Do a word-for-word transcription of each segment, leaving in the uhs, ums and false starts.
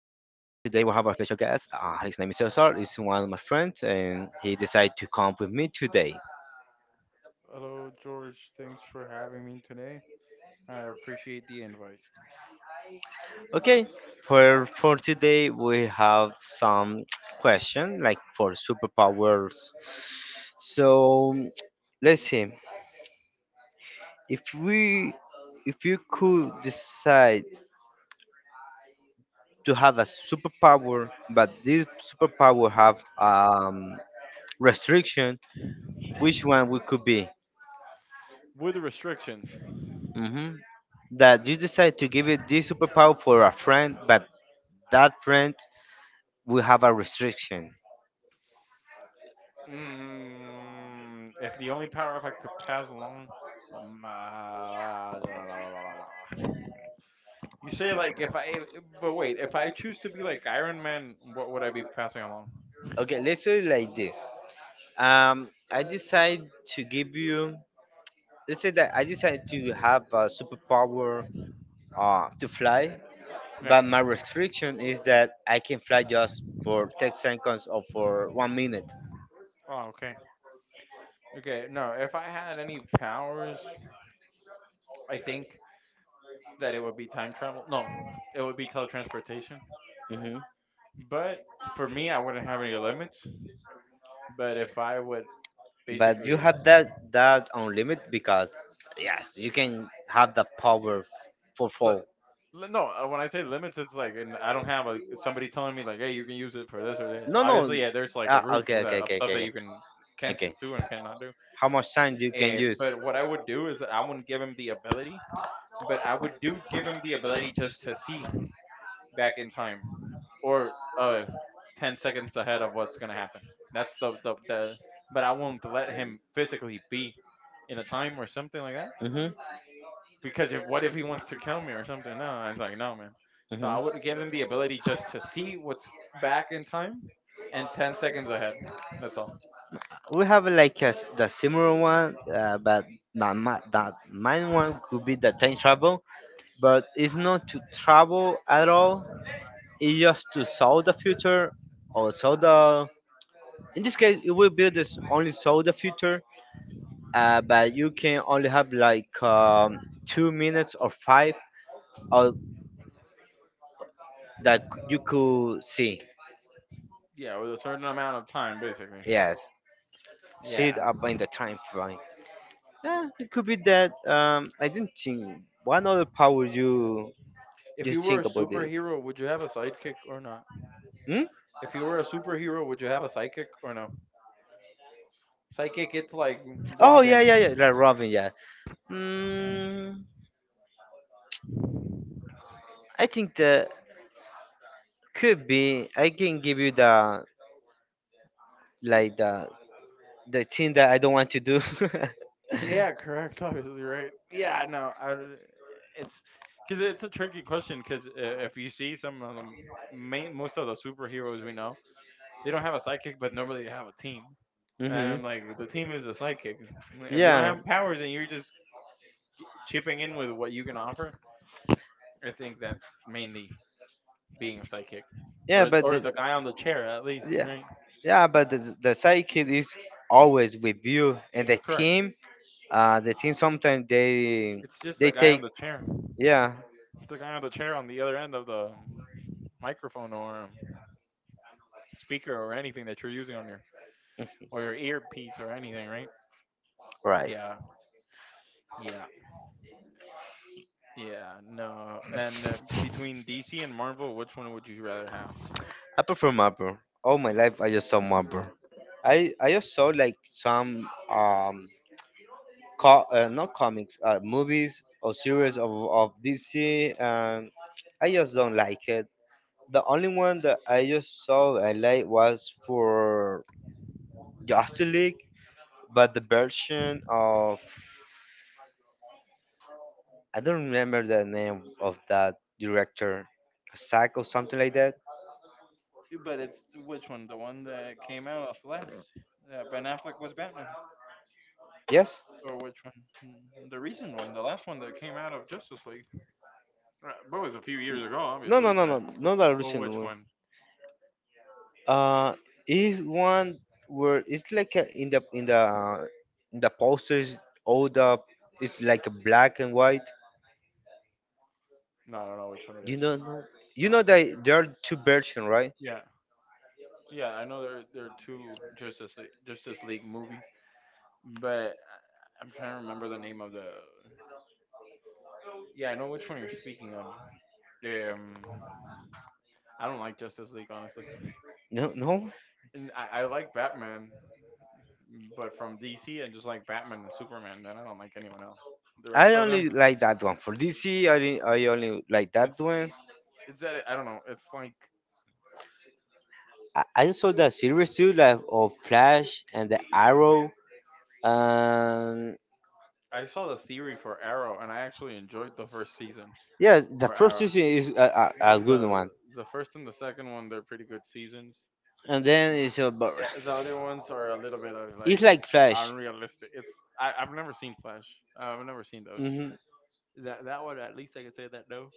we have a special guest. Uh, his name is Cesar. He's one of my friends, and he decided to come with me today. Hello, George. Thanks for having me today. I appreciate the invite. Okay, for for today we have some question like for superpowers. So let's see. If we if you could decide to have a superpower, but this superpower have um restriction, which one we could be? With restrictions, Mhm. That you decide to give it this superpower for a friend, but that friend will have a restriction. mm, if the only power up I could pass along, um, uh, you say like if I, but wait, if I choose to be like Iron Man, what would I be passing along? Okay, let's do it like this. Um, I decide to give you. Let's say that I decide to have a superpower uh, to fly, Yeah. but my restriction is that I can fly just for ten seconds or for one minute. Oh, okay. Okay. No, if I had any powers, I think that it would be time travel. No, it would be teletransportation. Hmm. But for me, I wouldn't have any limits. But if I would But you basically have that that on limit because yes, you can have the power for li- fall. li- no, uh, when I say limits, it's like and I don't have a somebody telling me like, hey, you can use it for this or this. No, no. Obviously, yeah, there's like a Ah, roof okay, for that, okay, of okay, stuff okay, that you can okay. can't Okay. do and cannot do How much time you can Eh, use? but what I would do is I wouldn't give him the ability, but I would do give him the ability just to see back in time or uh ten seconds ahead of what's going to happen. That's the, the the but I won't let him physically be in a time or something like that, Mhm, because if what if he wants to kill me or something? No, I was like, no, man. So I mhm. would give them the ability just to see what's back in time and ten seconds ahead. That's all. We have like a, s- the similar one, uh, but not my, that mine one could be the time travel, but it's not to travel at all. It's just to solve the future or solve the. In this case, it will be this only solve the future, uh, but you can only have like um, two minutes or five of that c- you could see. Yeah, with a certain amount of time, basically. Yes, see it Yeah. up in the time frame. Yeah, it could be that. Um, I didn't think. What other power you If you you were a think about this? superhero, would you have a sidekick or not? Hmm? If you were a superhero, would you have a psychic or no? Psychic, it's like Oh yeah, yeah, yeah. Robin. Like Robin, yeah. Mm, I think that could be. I can give you the like the the thing that I don't want to do. Yeah, correct. Obviously, right? Yeah, no. I, it's because it's a tricky question. Because if you see some of the main, most of the superheroes we know, they don't have a sidekick, but normally they have a team. And Hmm. I'm like, the team is the sidekick. If you don't Yeah, have powers and you're just g- chipping in with what you can offer, I think that's mainly being a sidekick, yeah, or but or the the guy on the chair at least, yeah, right? yeah, but the the sidekick is always with you, and the Correct. team. Uh, the team sometimes they It's just they the guy take on the chair. yeah It's the guy on the chair on the other end of the microphone or speaker or anything that you're using on your or your earpiece or anything, right? right. Yeah, yeah, yeah. No, and uh, between D C and Marvel, which one would you rather have? I prefer Marvel. All my life, I just saw Marvel. I I just saw like some um co- uh, not comics, uh, movies or series of of D C, and I just don't like it. The only one that I just saw I like was for Justice League, but the version of I don't remember the name of that director, Zack or something like that. But it's which one? The one that came out of last? Uh, Ben Affleck was Batman, Yes? or which one? Hmm, the recent one, the last one that came out of Justice League. Uh, But it was a few years ago, No, no, obviously. no, no, But not the oh, recent which one. one? Uh, is one where it's like a, in the in the in the posters all the it's like a black and white. No, I don't know which one it You is. don't know. No, you No. know that there are two versions, right? Yeah, yeah, I know there there are two Justice League, Justice League movies, but I- I'm trying to remember the name of the. Yeah, I know which one you're speaking of. Um, I don't like Justice League honestly, No, no. and I, I like Batman. But from D C, and just like Batman and Superman. Then I don't like anyone else. The rest I of them, only like that one for D C. I only- I only like that it's one. it's that I don't know. It's like I, I saw the series too, like of Flash and the Arrow. Um, I saw the series for Arrow, and I actually enjoyed the first season yeah, the for first Arrow. season is a, a, a The good one, the, the first and the second one, they're pretty good seasons. and then it's about Eh, the other ones are a little bit of it's like like Flash. unrealistic. It's I, I've never seen Flash. I've never seen those. Hmm. That that one at least I could say that, no.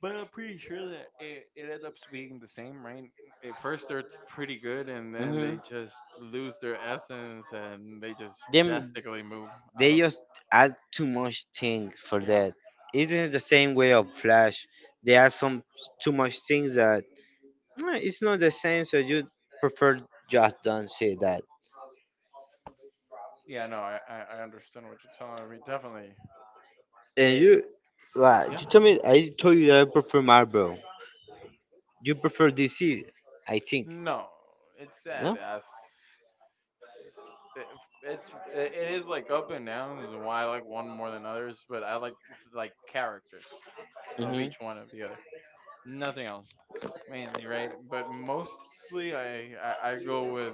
But I'm pretty sure that it, it ends up being the same, right? At first they're pretty good, and then Hmm. they just lose their essence, and they just Them drastically move out they of. just add too much things for Yeah, that. Isn't the same way of Flash? They add some too much things that "Mm, it's not the same. So you prefer just don't say that. yeah. No, I I I understand what you're telling me. Definitely. And It, you, like, yeah. you told me I told you that I prefer Marvel. You prefer D C, I think. No, it's sad. No. As it's it's- it is like up and downs, and why I like one more than others. But I like like characters of Mhm. each one of the other. Nothing else. Mainly, right, but mostly I, I I go with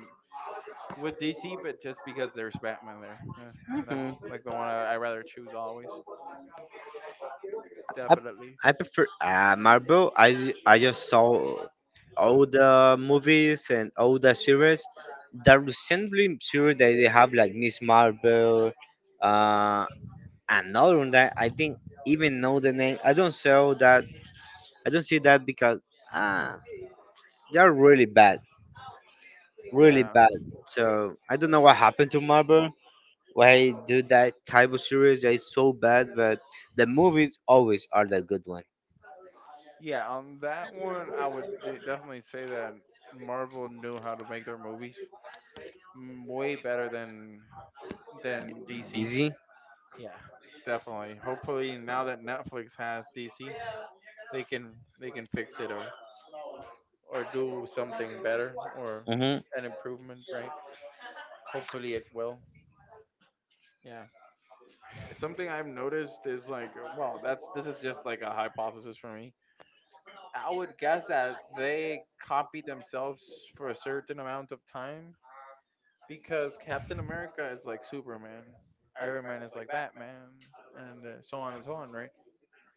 with D C, but just because there's Batman there. Uh, that's Mhm. like the one I, I rather choose always. Definitely, I prefer uh, Marvel. I ju- I just saw all the movies and all the series. The recently series that they have like Miss Marvel, uh, another one that I think even know the name. I don't sell that. I don't see that because uh, they're really bad, really yeah, bad. So I don't know what happened to Marvel. Why do that type of series that is so bad? But the movies always are the good one. yeah. On that one, I would de- definitely say that Marvel knew how to make their movies mm, way better than than D C. Dizzy. Yeah, definitely. Hopefully, now that Netflix has D C, they can they can fix it or or do something better or Mm-hmm. an improvement, right? Hopefully it will. Yeah. Something I've noticed is like, well, that's this is just like a hypothesis for me. I would guess that they copy themselves for a certain amount of time, because Captain America is like Superman, Iron Man is like Batman, and uh, so on and so on, right?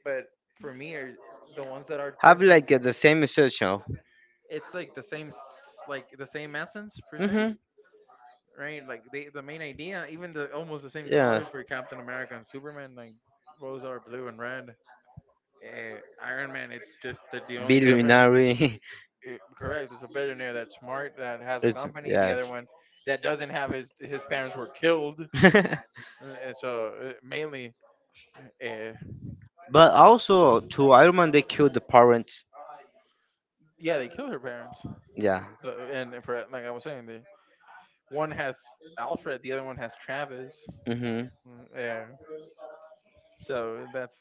But for me, are the ones that are Have different. like uh, the same essential. It's like the same, s- like the same essence per se, Mm-hmm. right? Like they, the main idea, even the almost the same colors Yes. for Captain America and Superman, like both are blue and red. Uh, Iron Man, it's just that the only difference. Billionaire. Eh, correct, it's a billionaire that's smart that has a It's company. The other yes. one that doesn't have his his parents were killed. Uh, And so uh, mainly, uh, But also to Iron Man, they killed the parents. yeah, they killed her parents. Yeah. The- And for like I was saying, the one has Alfred, the other one has Travis. Hmm. Mm, Yeah, so that's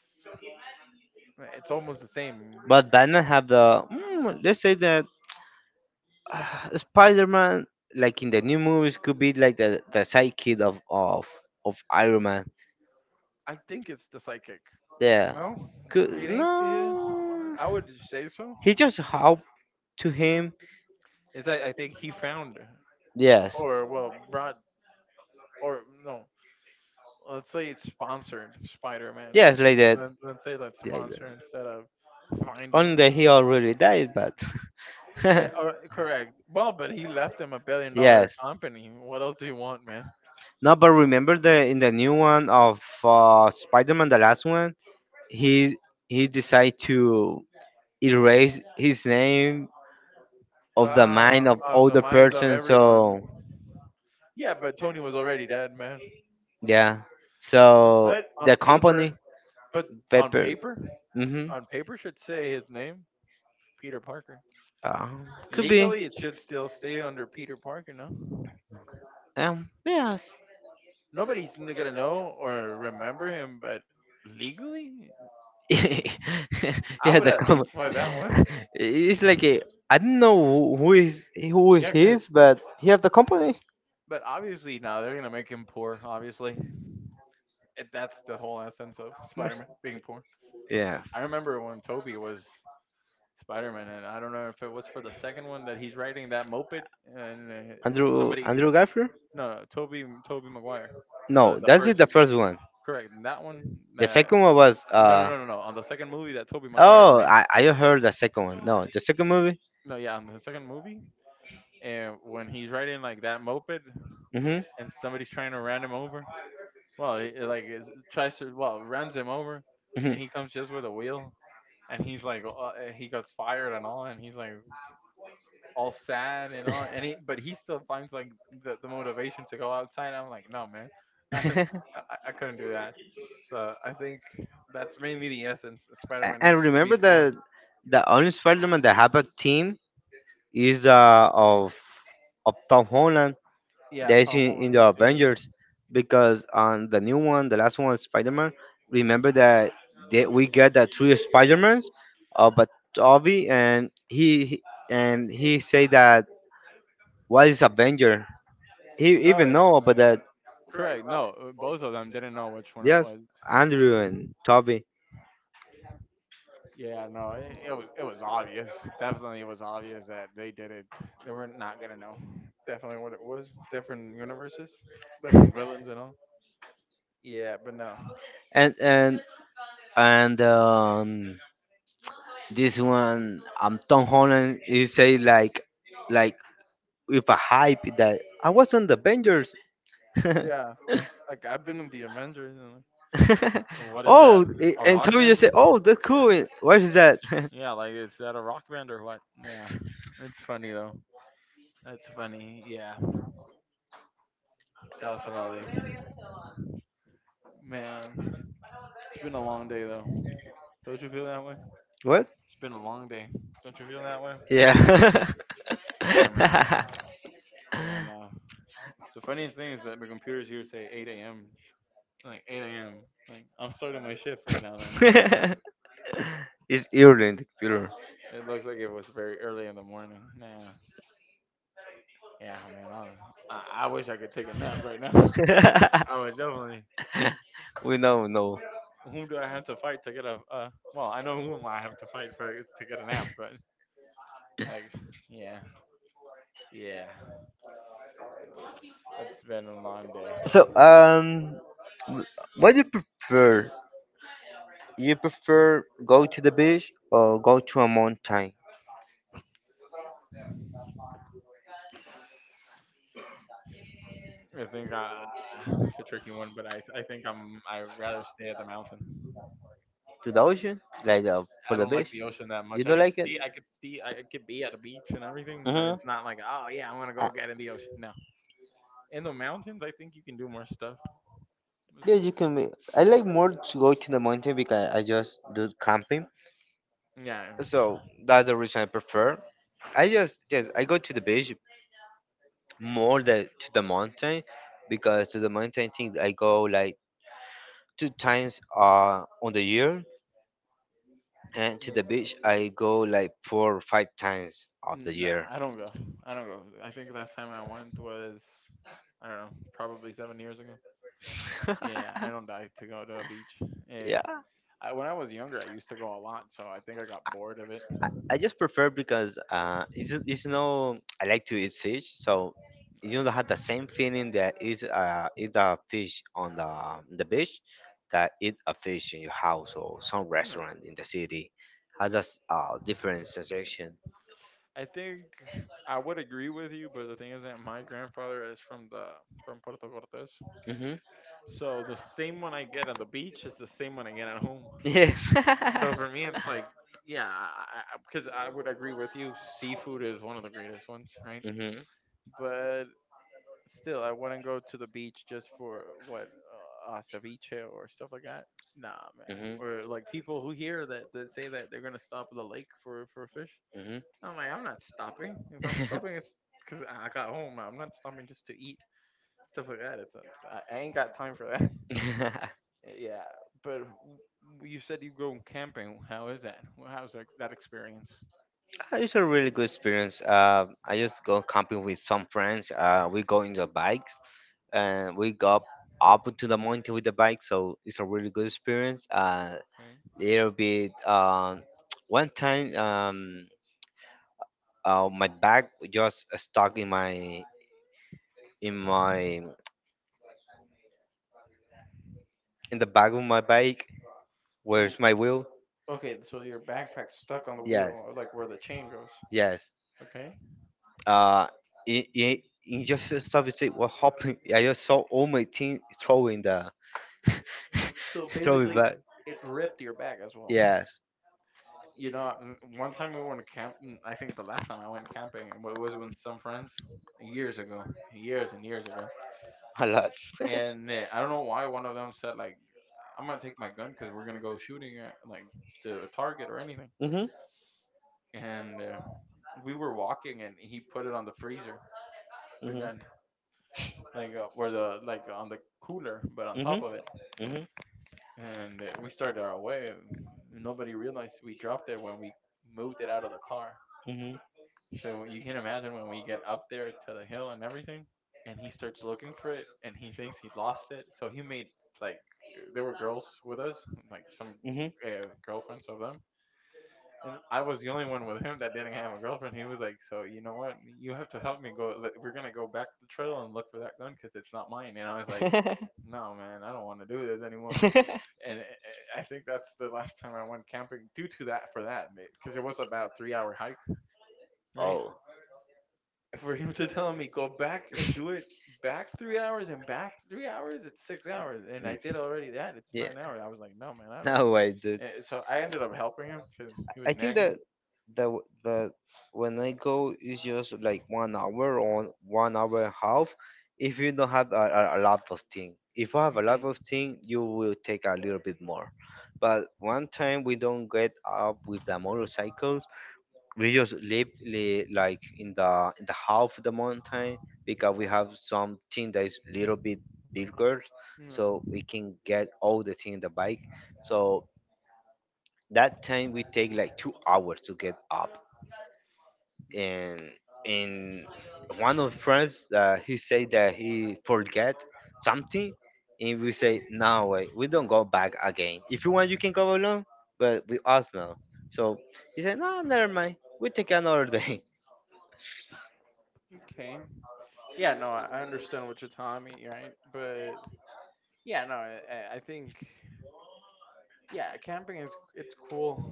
it's almost the same. But Batman have the mm, let's say that uh, Spider Man, like in the new movies, could be like the the sidekick of of of Iron Man. I think it's the psychic. Yeah. No, it Could ain't his. no. I would say so. He just help to him. Is that I think he found Yes. or well brought or no. Let's say it's sponsored Spider-Man. Yes, like Let, that. let's say that's Like that. sponsor instead of finding. Only that he already died, but Eh, or, correct. Well, but he left them a billion dollar yes. company. What else do you want, man? No. But remember the in the new one of uh, Spider-Man, the last one, he he decided to erase his name of the mind Ah, of of all the the minds of person. everyone. So Yeah, but Tony was already dead, man. yeah, so But on the company paper, but on Pepper. paper, Mm-hmm. on paper should say his name. Peter Parker. Uh, could be. Legally, it should still stay under Peter Parker, no? Um. Yes. Nobody's n- gonna know or remember him, but legally, Yeah, Uh, I I would the would at com- least find that one. it is. Like a, I don't know who who is who is Yeah, cause his, but he have the company. but obviously now they're gonna make him poor. Obviously, It- that's the whole essence The of Spider-Man being poor. Yes, I remember when Toby was Spider-Man, and I don't know if it was for the second one that he's riding that moped, and uh, Andrew somebody Andrew Garfield. no, no Toby Toby Maguire, the No, the that's just first, the first one. correct, and that one. The Uh, second one was no, no, No, uh no, no, no. no, no, no. On the second movie that Toby Maguire Oh made. I I heard the second one. No, the second movie. No, yeah, on the second movie, and when he's riding like that moped, Mhm. and somebody's trying to ram him over. Well, he, uh, like is- tries to well runs him over, Mhm. and he comes just with a wheel, and he's like uh, uh, he gets fired and all, and he's like all sad and all, and he but he still finds like the, the motivation to go outside. I'm like, no man, I, A- I I couldn't do that. So I think that's mainly the essence. Spider-Man and needs to be remember poor. that the only Spider-Man that have a team is uh of of Tom Holland. Yeah, They Tom see in Holland the is the other one. Avengers because on the new one, the last one, Spider Man. Remember that they, we get the three Spider Mans, uh, but Toby and he he- and he say that what is Avenger? He No, even know it's about that. correct. No, uh, both of them didn't know which one it Yes, was. Andrew and Toby Yeah, no, it, it was it was obvious. Definitely, it was obvious that they did it. They were not gonna know. Definitely what it was. Different universes, different villains and all. Yeah, but no. and and and um, this one, um, Tom Holland. He say like like with a hype that I was on the Avengers. Yeah, like I've been in the Avengers and, like, and what is that? Oh, I- A and rock Toby just band? said, "Oh, that's cool." and- What is that? Yeah, like is that a rock band or what? Yeah, it's funny though. That's funny. Yeah, definitely. Man, it's been a long day though. Don't you feel that way? What? It's been a long day. Don't you feel that way? Yeah. Yeah, man. Yeah, no. The funniest thing is that my computer's here say eight a m. Like eight a m. Like I'm starting my shift right now. Then no, man. It's Ireland, computer. It looks like it was very early in the morning. Nah. Yeah, man. I I, I wish I could take a nap right now. I would definitely. We know, no. Whom do I have to fight to get a? Uh, well, I know whom I have to fight for to get a nap, but like, yeah, yeah. It's it's been a long day. So, um, w- what do you prefer? You prefer go to the beach or go to a mountain, I think I, it's a tricky one, but I I think I'm I rather stay at the mountain. to the ocean, like uh, I for the don't like beach? the ocean that You much. I don't can like it? see I could see I could be at a beach and everything, but Mm-hmm. it's not like, oh yeah, I'm gonna go get in the ocean. No, in the mountains I think you can do more stuff. Yeah, It's you can. Make, I like more to go to the mountain because I just do camping, yeah. so that's the reason I prefer. I just yes, I go to the beach more than to the mountain because to the mountain thing I go like two times uh on the year, and to Mm, the beach I go like four or five times of the nah, year. I don't go. I don't go. I think last time I went was I don't know, probably seven years ago. Yeah, I don't die to go to a beach. Eh, Yeah. I, when I was younger, I used to go a lot, so I think I got bored of it. I just prefer because uh, it's ju- it's no. I like to eat fish, so you don't have the same feeling that is uh eat a fish on the um, the beach that eat a fish in your house or some Hmm. restaurant in the city has a s- uh, different sensation. I think I would agree with you, but the thing is that my grandfather is from the from Puerto Cortes, Mm-hmm. so the same one I get on the beach is the same one I get at home. Yeah. So for me, it's like, yeah, because I, I, 'cause I would agree with you. Seafood is one of the greatest ones, right? Mm-hmm. But still, I wouldn't go to the beach just for what uh, uh, ceviche or stuff like that. Nah, man. Mm-hmm. Or like people who hear that that say that they're gonna stop at the lake for for fish. Mm-hmm. I'm like, I'm not stopping. If I'm stopping, it's because I got home. I'm not stopping just to eat stuff like that. It's a, I, I ain't got time for that. Yeah, but w- you said you go camping. How is that? Well, How's that, that experience? It's a really good experience. Uh, I just go camping with some friends. Uh, we go in the bikes and we got up up to the mountain with the bike so it's a really good experience uh little bit um one time um uh, my bag just stuck in my in my in the back of my bike Okay. where's my wheel Okay, so your backpack's stuck on the wheel, yes or like where the chain goes. yes Okay. uh it, it, it just stopped and said what happened I just saw all my team throwing the So throwing it basically, back it ripped your bag as well. yes You know, n- one time we went camp. n- I think the last time I went camping wa- was with some friends years ago, years and years ago. a lot And uh, I don't know why one of them said like, "I'm gonna take my gun because we're gonna go shooting at like to a target or anything." Mhm. And uh, we were walking, and he put it on the freezer, the Mhm. gun, like uh, where the like on the cooler, but on top Mhm. of it. Mhm. And uh, we started our way. Nobody realized we dropped it when we moved it out of the car. Mhm. So you can imagine when we get up there to the hill and everything, and he starts looking for it, and he thinks he lost it. So he made like there were girls with us, like some Mhm. uh, girlfriends of them, and I was the only one with him that didn't have a girlfriend. He was like, "So you know what? You have to help me go. like, We're gonna go back to the trail and look for that gun because it's not mine." And I was like, "No, man, I don't want to do this anymore." And eh, eh, I think that's the last time I went camping due to that for that because it was about three hour hike, right? Oh. For him to tell me go back and Mm. do it back three hours and back three hours, it's six hours, and I did already that. It's Yeah. nine hours. I was like, no man, I don't. No, I did. And so I ended up helping him because he I was think nagging. that the w- the when I go is just like one hour or one hour and a half. If you don't have a, a, a lot of thing, if you have a lot Okay. of thing, you will take a little bit more. But one time we don't get up with the motorcycles, we just live li- like in the in the half of the mountain because we have something that is little bit bigger No. so we can get all the thing in the bike so that time we take like two hours to get up and and one of friends uh, he said that he forget something and we say no way we don't go back again if you want you can go alone but with us now so he said no never mind we take another day. Okay. Yeah, no, I I understand what you're telling me, right? But yeah, no, I, I- I think yeah, camping is it's cool.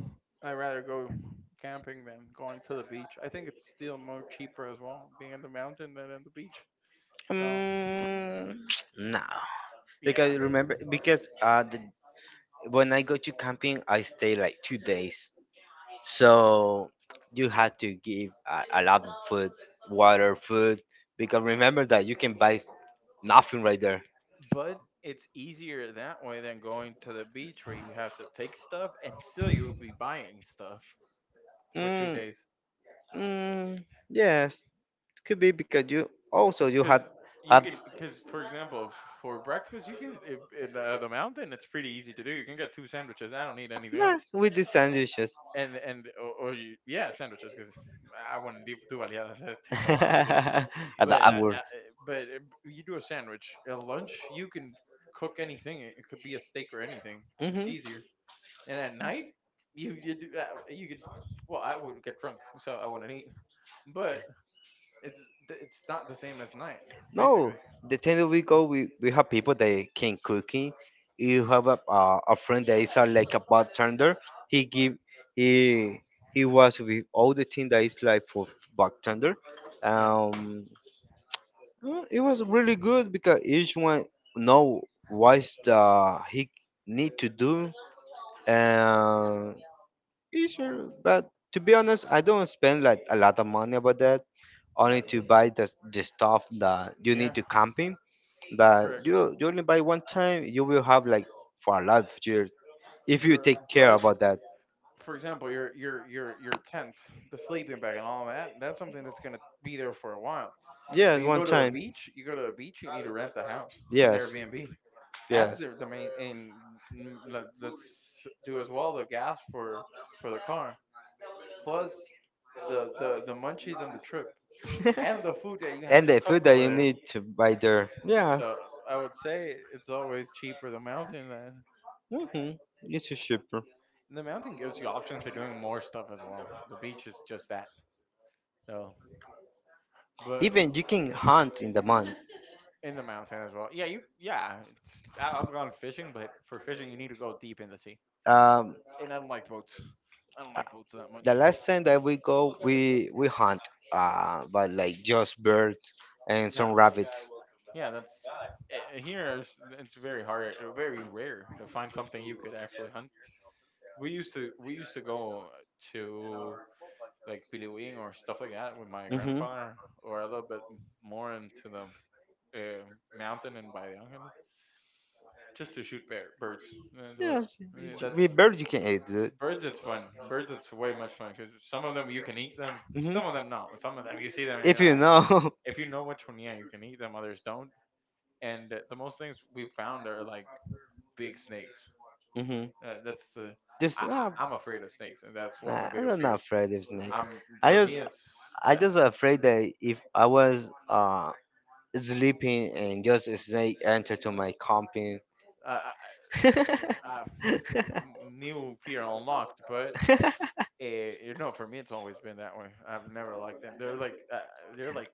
I'd rather go camping than going to the beach. I think it's still more cheaper as well, being in the mountain than in the beach. So Mm, no, yeah, because remember, because uh, the, when I go to camping, I stay like two days. So you have to give a, a lot of food, water, food, because remember that you can buy nothing right there. but it's easier that way than going to the beach where you have to take stuff and still you'll be buying stuff for two Mm, days mm, yes, could be because you also you because have you have can because for example f- for breakfast you can i- in uh, the mountain it's pretty easy to do you can get two sandwiches I don't need anything else mess with the sandwiches and and or, or you, yeah, sandwiches because I wouldn't do, do aliadas. That takes a while to do. at the But I, hour. I, eh, but uh, you do a sandwich at lunch. You can cook anything. It it could be a steak or anything. It's Hmm. easier. And at night, you you do uh, you could. Well, I would get drunk, so I wouldn't eat. But it's it's not the same as night, No, basically. the thing that we go, we, we have people that can cooking. You have a uh, a friend that is uh, like a bartender. He give he he was with all the thing that is like for bartender. Yeah, Um, well, it was really good because each one know what's the he need to do. And it's sure, but to be honest, I don't spend like a lot of money about that. yeah, Only to buy the the stuff that you yeah. need to camping but Correct. you you only buy one time, you will have like for a lot of years if you Correct. take care But about that. for example, your your your your tent, the sleeping bag, and all that. That's something that's gonna be there for a while. But Yes, you one go to the time. beach, you go to the beach, you need to rent a house or an Yes, Airbnb. That's yes. the the main. And mm, let, let's do as well the gas for for the car, plus the the the munchies on the trip, and the food that you have And to the cook food that over you there. need to buy there. Yes. So I would say it's always cheaper the mountain than Hmm. It's cheaper. the mountain gives you options for doing more stuff as well. The beach is just that though. But Even you can hunt in the month. in the mountain as well. Yeah, you. Yeah, it's, I- I've gone fishing, but for fishing you need to go deep in the sea, Um, and I don't like boats. I don't uh, like boats that the much. last time that we go, we we hunt, uh, but like just birds and Yeah, some rabbits. yeah. That's eh, eh, here. It's, it's very hard, eh, very rare to find something you could actually hunt. We used to we used to go to like Piliwing or stuff like that with my Mm-hmm. grandfather, or a little bit more into the uh, mountain and by the island, just to shoot bear, birds. And it was, Yes, y- eh, y- that's with bird you can eat it. Birds, it's fun. Birds, it's way much fun because some of them you can eat them, some of Mhm. them no. Some of them you see them and you're If you like, know. if you know which one, yeah, you can eat them. Others don't. And uh, the most things we've found are like big snakes. Hmm. Uh, that's the Just I, uh, I, I'm afraid of snakes, and that's one of my nah, biggest I'm not fears. afraid of snakes. Um, I for me, just it's I uh, just afraid that if I was uh sleeping and just a snake entered to my company. uh, uh, new fear unlocked, but uh you know, for me, it's always been that way. I've never liked them. They're like, uh, they're like,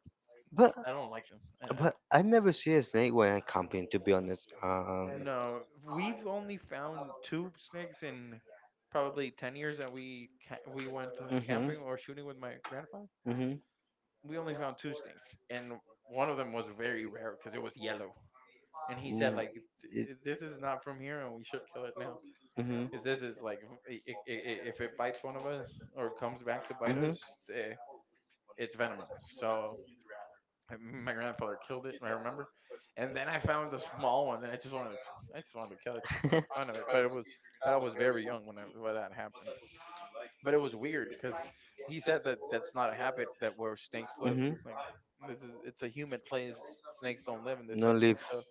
but I don't like them. And uh, but I never see a snake when I camping. To be honest. um, no, we've only found two snakes in probably ten years that we ca- we went uh, Hmm, camping or shooting with my grandfather. hmm, We only found two snakes, and one of them was very rare because it was yellow. And he said, mm. like, It, "Th- th- this is not from here, and we should kill it now. hmm, Because this is like, v- i- i- i- if it bites one of us or comes back to bite hmm, us, eh, it's venomous." So my grandfather killed it. I remember. And then I found a small one, and I just wanted to, I just wanted to kill it just for the fun of it. But it was, I was very young when I, when that happened. But it was weird because he said that that's not a habit that where snakes live. hmm. Like this is, it's a human place. Snakes don't live in this No type. And live. so,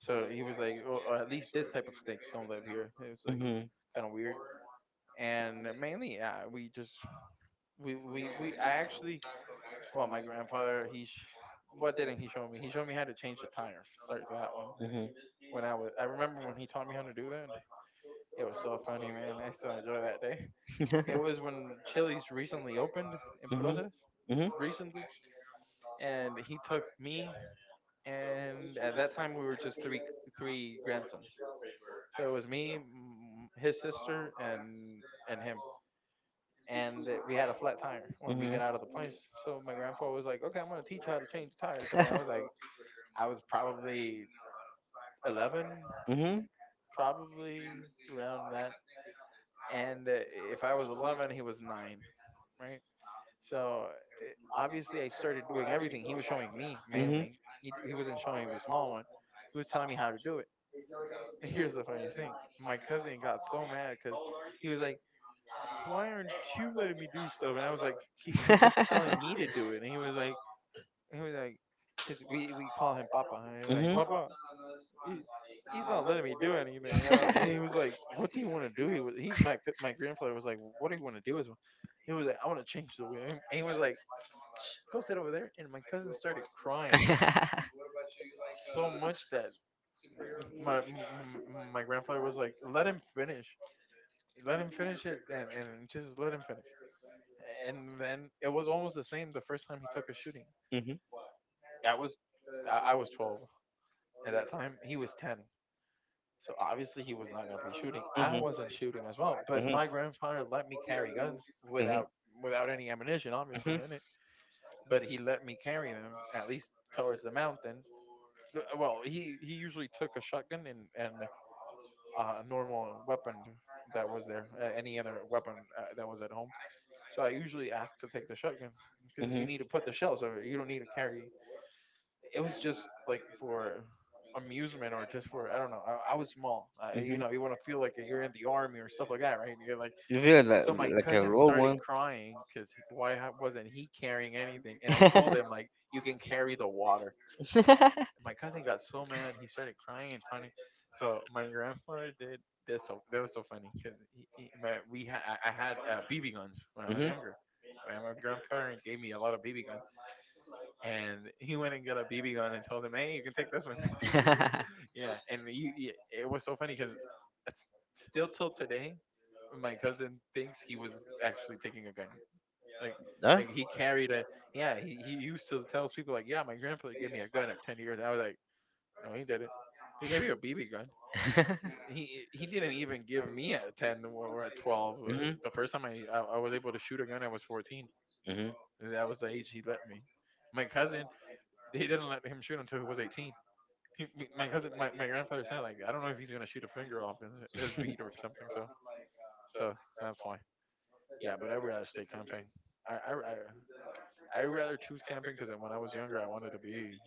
so he was like, or, or at least this type of snakes don't live here. It was like Hmm, kind of weird. And mainly, yeah, we just, we, we, we, I actually well, my grandfather, he, sh- what didn't he show me? He showed me how to change a tire. Start that one. hmm. When I was, I remember when he taught me how to do that. It was so funny, man. I still enjoy that day. It was when Chili's recently opened in Hmm, hmm, Proceres, recently, and he took me, and at that time we were just three three grandsons. So it was me, m- his sister, and and him. And uh, we had a flat tire hmm, when we got out of the hmm, place. So my grandfather was like, "Okay, I'm gonna teach you how to change a tire today." I was like, I was probably eleven, hmm, hmm. Hmm. probably around that. And uh, if I was eleven, he was nine, right? So uh, obviously, I started doing everything. He was showing me mainly. He, d- he wasn't showing the small one. He was telling me how to do it. Here's the funny thing my cousin got so mad because he was like, why aren't you letting me do stuff? And I was like, because he's telling me to do it. And he was like, he was like, because we, we call him Papa. And he was Mhm, like, mhm, Papa, he, he's not letting me do anything. You know? And he was like, "What do you want to do?" He was he my my grandfather was like, "What do you want to do?" As well? He was like, "I want to change the wheel." And he was like, Shh, "Go sit over there." And my cousin started crying man, so much that my m- my grandfather was like, "Let him finish. Let him finish it, and and just let him finish." And then it was almost the same the first time he took a shooting. I was I I was twelve at that time. He was ten. So obviously he was not going to be shooting. I wasn't shooting as well, but my grandfather let me carry guns without without any ammunition, obviously in it. But he let me carry them at least towards the mountain. Th- Well, he he usually took a shotgun and and uh, a normal weapon that was there, uh, any other weapon uh, that was at home. So I usually asked to take the shotgun mhm, because mhm, mhm, you need mhm. to put the shell, so you don't need to carry it was just like for amusement or just for I don't know. I, I was small. Uh, you know, you want to feel like you're in the army or stuff like that, right? And You're like, You feel like. So my Like a cousin low started one. crying because why ha- wasn't he carrying anything? And I told him like, you can carry the water. And my cousin got so mad, he started crying and tiny. So my grandfather did this. So that was so funny because he, he, my we ha- I I had uh, B B guns when I was Mhm. younger. And my grandparent gave me a lot of B B guns, and he went and got a B B gun and told him, "Hey, you can take this one." Yeah, and you, you it was so funny because still till today, my cousin thinks he was actually taking a gun. Like, Huh? like he carried a Yeah. He, he used to tell people like, yeah, my grandfather gave me a gun at ten years. I was like, no, he didn't. He gave you a B B gun. He he didn't even give me at ten or at twelve. Mhm, Uh, The first time I, I I was able to shoot a gun, I was fourteen. That was the age he let me. My cousin, they didn't let him shoot until he was eighteen. he, m- my cousin, my, my mhm. grandfather said like, I don't know if he's gonna shoot a finger off his, his feet or something. So so that's why. Yeah, but I'd rather stay camping. I I I I'd rather choose camping because when I was younger, I wanted to be.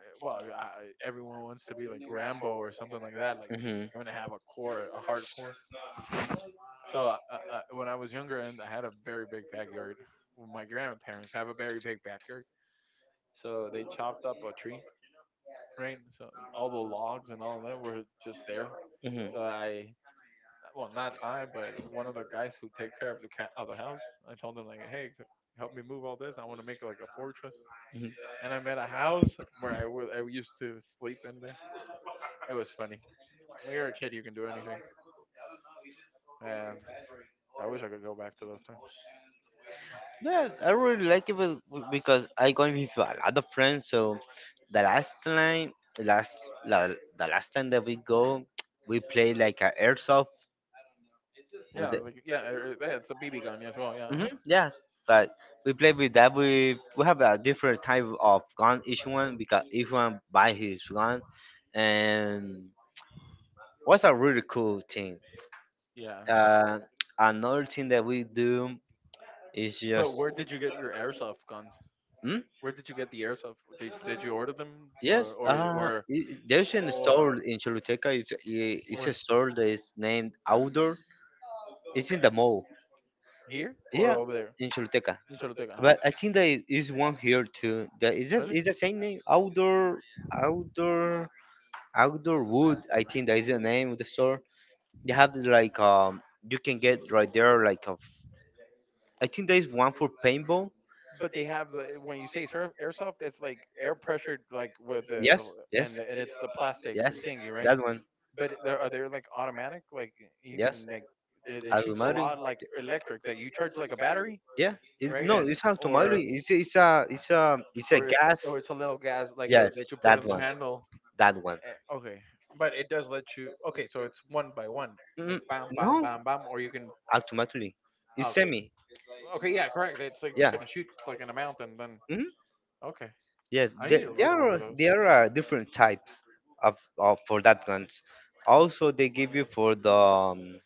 eh, Well, I, everyone wants to be like Rambo or something like that. Like Mhm, mhm, you want to have a core, a hardcore. So uh, uh, when I was younger, and I had a very big backyard. well, My grandparents have a very big backyard, so they chopped up a tree, right? So all the logs and all of that were just there. mhm. So I well, not I, but one of the guys who take care of the cat of the house. I told him like, hey, c- help me move all this. I want to make it like a fortress. And I met a house where I was I used to sleep in there. It was funny. When you're a kid, you can do anything, and I wish I could go back to those times. Yes, I really like it be- because I going with a lot of friends. So the last time, last la, the last time that we go, we play like a airsoft with Yeah, the, like yeah, er, er, yeah, it's a B B gun as well. Yeah, huh? hmm, yes. But we play with that. We we have a different type of gun each one because each one buy his gun, and was a really cool thing. Yeah. Uh, Another thing that we do is But just. where did you get your airsoft guns? Hmm? Where did you get the airsoft? Did did you order them or Yes, or uh, or i- there's a store or in Choluteca. It's, i- it's where? a store that is named Outdoor. It's in the mall. Here or Yeah, over there? in Choluteca. In Choluteca, huh? But I think there is one here too. That is it. Really? Is the same name? Outdoor, outdoor, Outdoor Wood. I think that is the name of the store. They have the, like, um, you can get right there like a. f- I think there is one for paintball. But they have the when you say surf, airsoft, it's like air pressured, like with the, Yes, yes, and and it's the plastic yes. thingy, right? That one. But there are they like automatic, like you Yes, can like they, they shoots a automatic. lot like electric that you charge like a battery, Yeah, it's, right? no, And it's automatic. or It's it's a it's a it's a or it's gas. or It's a little gas like uh Yes, that you put that in the one, handle. that one. Eh, Okay, but it does let you. Okay, so it's one by one, Mm, like bam, bam, no, bam, bam, or you can. automatically. It's Okay, semi. okay, yeah, correct. It's like it's Yeah. gonna shoot like an amount and then. Mhm. Okay, Yes, I need there, to there look one are of those. there are uh, different types of, of for that guns. Also, they give you for the um,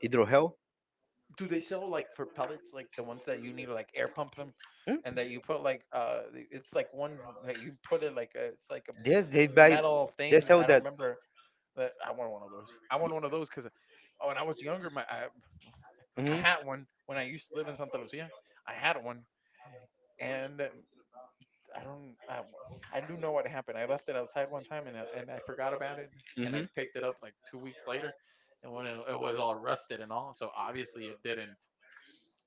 hydro hell. Do they sell like for pellets, like the ones that you need to like air pump them, Mm? and that you put like uh, the- it's like one that you put it like a, it's like Yes, they a buy. metal They thing. sell I don't that. remember. But I want one of those. I want one of those because when I was younger, my I, I Mm-hmm. had one when I used to live in Santa Lucia. I had one, and um, I don't. I, I do know what happened. I left it outside one time, and I- and I forgot about it, and Mm-hmm. I picked it up like two weeks later, and when it, it was all rusted and all, so obviously it didn't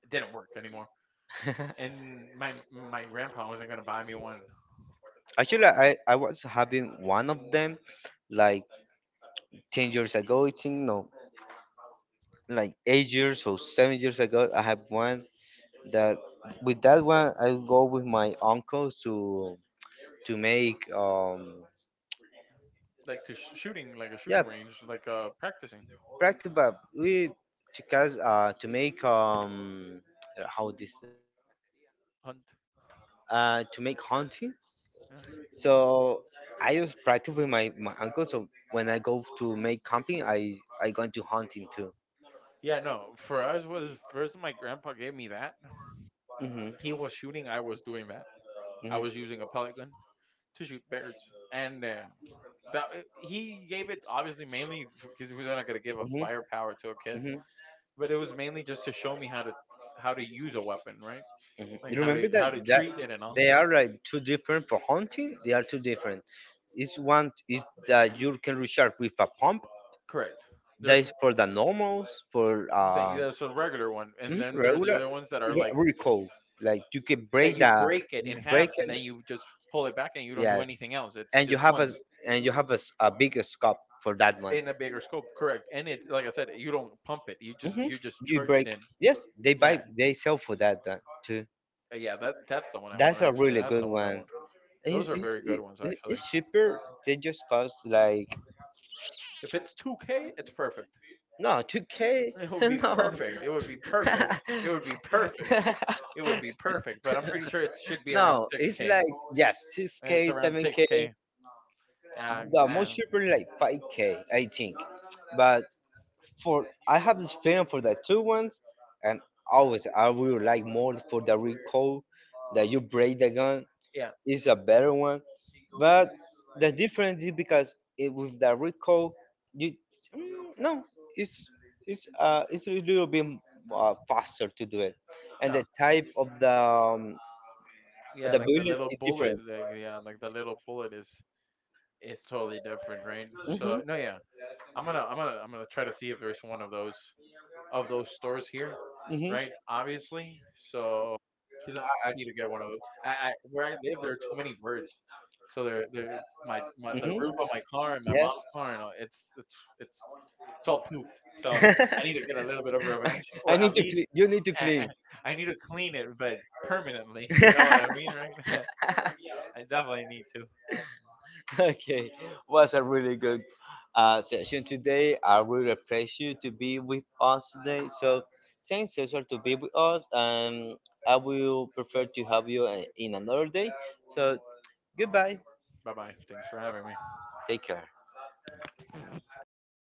it didn't work anymore. And my my grandpa wasn't gonna buy me one. Actually, I, I was having one of them like ten years ago. It's in, no, like eight years or seven years ago. I have one that. With that one, I go with my uncle to to make um Like to sh- shooting, like a shooting yeah, range, like uh practicing. practice. But we to cause uh to make um how this Hunt. uh to make hunting. Yeah, So I just practice with my my uncle. So when I go to make camping, i i going to hunting too. yeah. No, for us was first my grandpa gave me that. Hmm. He was shooting, I was doing that. I was using a Mhm. pellet gun to shoot birds, and uh, that uh, he gave it obviously mainly because he was not gonna give a Mhm. firepower to a kid. Mhm. But it was mainly just to show me how to how to use a weapon, right? Mhm. Like You how remember to that how to that treat it and all. they are like two different for hunting. They are two different. It's one is that you can recharge with a pump. Correct. That there's is for the normals for That, uh that's a regular one, and mhm, then there are the regular other ones that are re- like recoil. Like you can that break you the break it in half break and then it. you just pull it back and you don't do Yes, anything else. It's and you just have a, once and you have a, s- a bigger scope for that one. in a bigger scope, correct? And it's like I said, you don't pump it. You just hmm. you just You charge it break. in. Yes, they Yeah, buy. They sell for that, that too. uh, yeah. That that's the one I want, That's a actually. really That's good the one I one. want. It, Those are it's, very good it, ones, it- actually. it's cheaper. They just cost like, If it's two K, it's perfect. no, two k. It would be No. perfect. It would be perfect. It would be perfect. It would be perfect. But I'm pretty sure it should be around No, it's six K. like, yes, six It's k, around seven k. six K. Yeah, The yeah, most cheaper, like five k, I think. But for I have this feeling for the two ones, and always I will like more for the recoil, that you break the gun, yeah, is a better one. But the difference is because it, with the recoil, you mm, no, it's it's uh it's a little bit uh, faster to do it, and yeah, the type of the um, yeah. the Like the bullet little is bullet, different. like yeah, like the little bullet is is totally different, right? So Mhm. no, yeah, I'm gonna I'm gonna I'm gonna try to see if there's one of those of those stores here, Mhm. right? Obviously, so 'cause I, I need to get one of those. I, I Where I live, there are too many birds, so they're they're my, my the Mhm. roof on my car and my Yes. mom's car and all, it's it's it's it's all pooped. So I need to get a little bit of revenge, I or at need to least clean. You need to I, clean. I I need to clean it, but permanently. You know what I mean, right? I definitely need to. Okay, was a really good uh, session today. I really appreciate you to be with us today. So, thanks also to be with us. Um, I will prefer to have you uh, in another day. So, goodbye. Bye bye. Thanks for having me. Take care.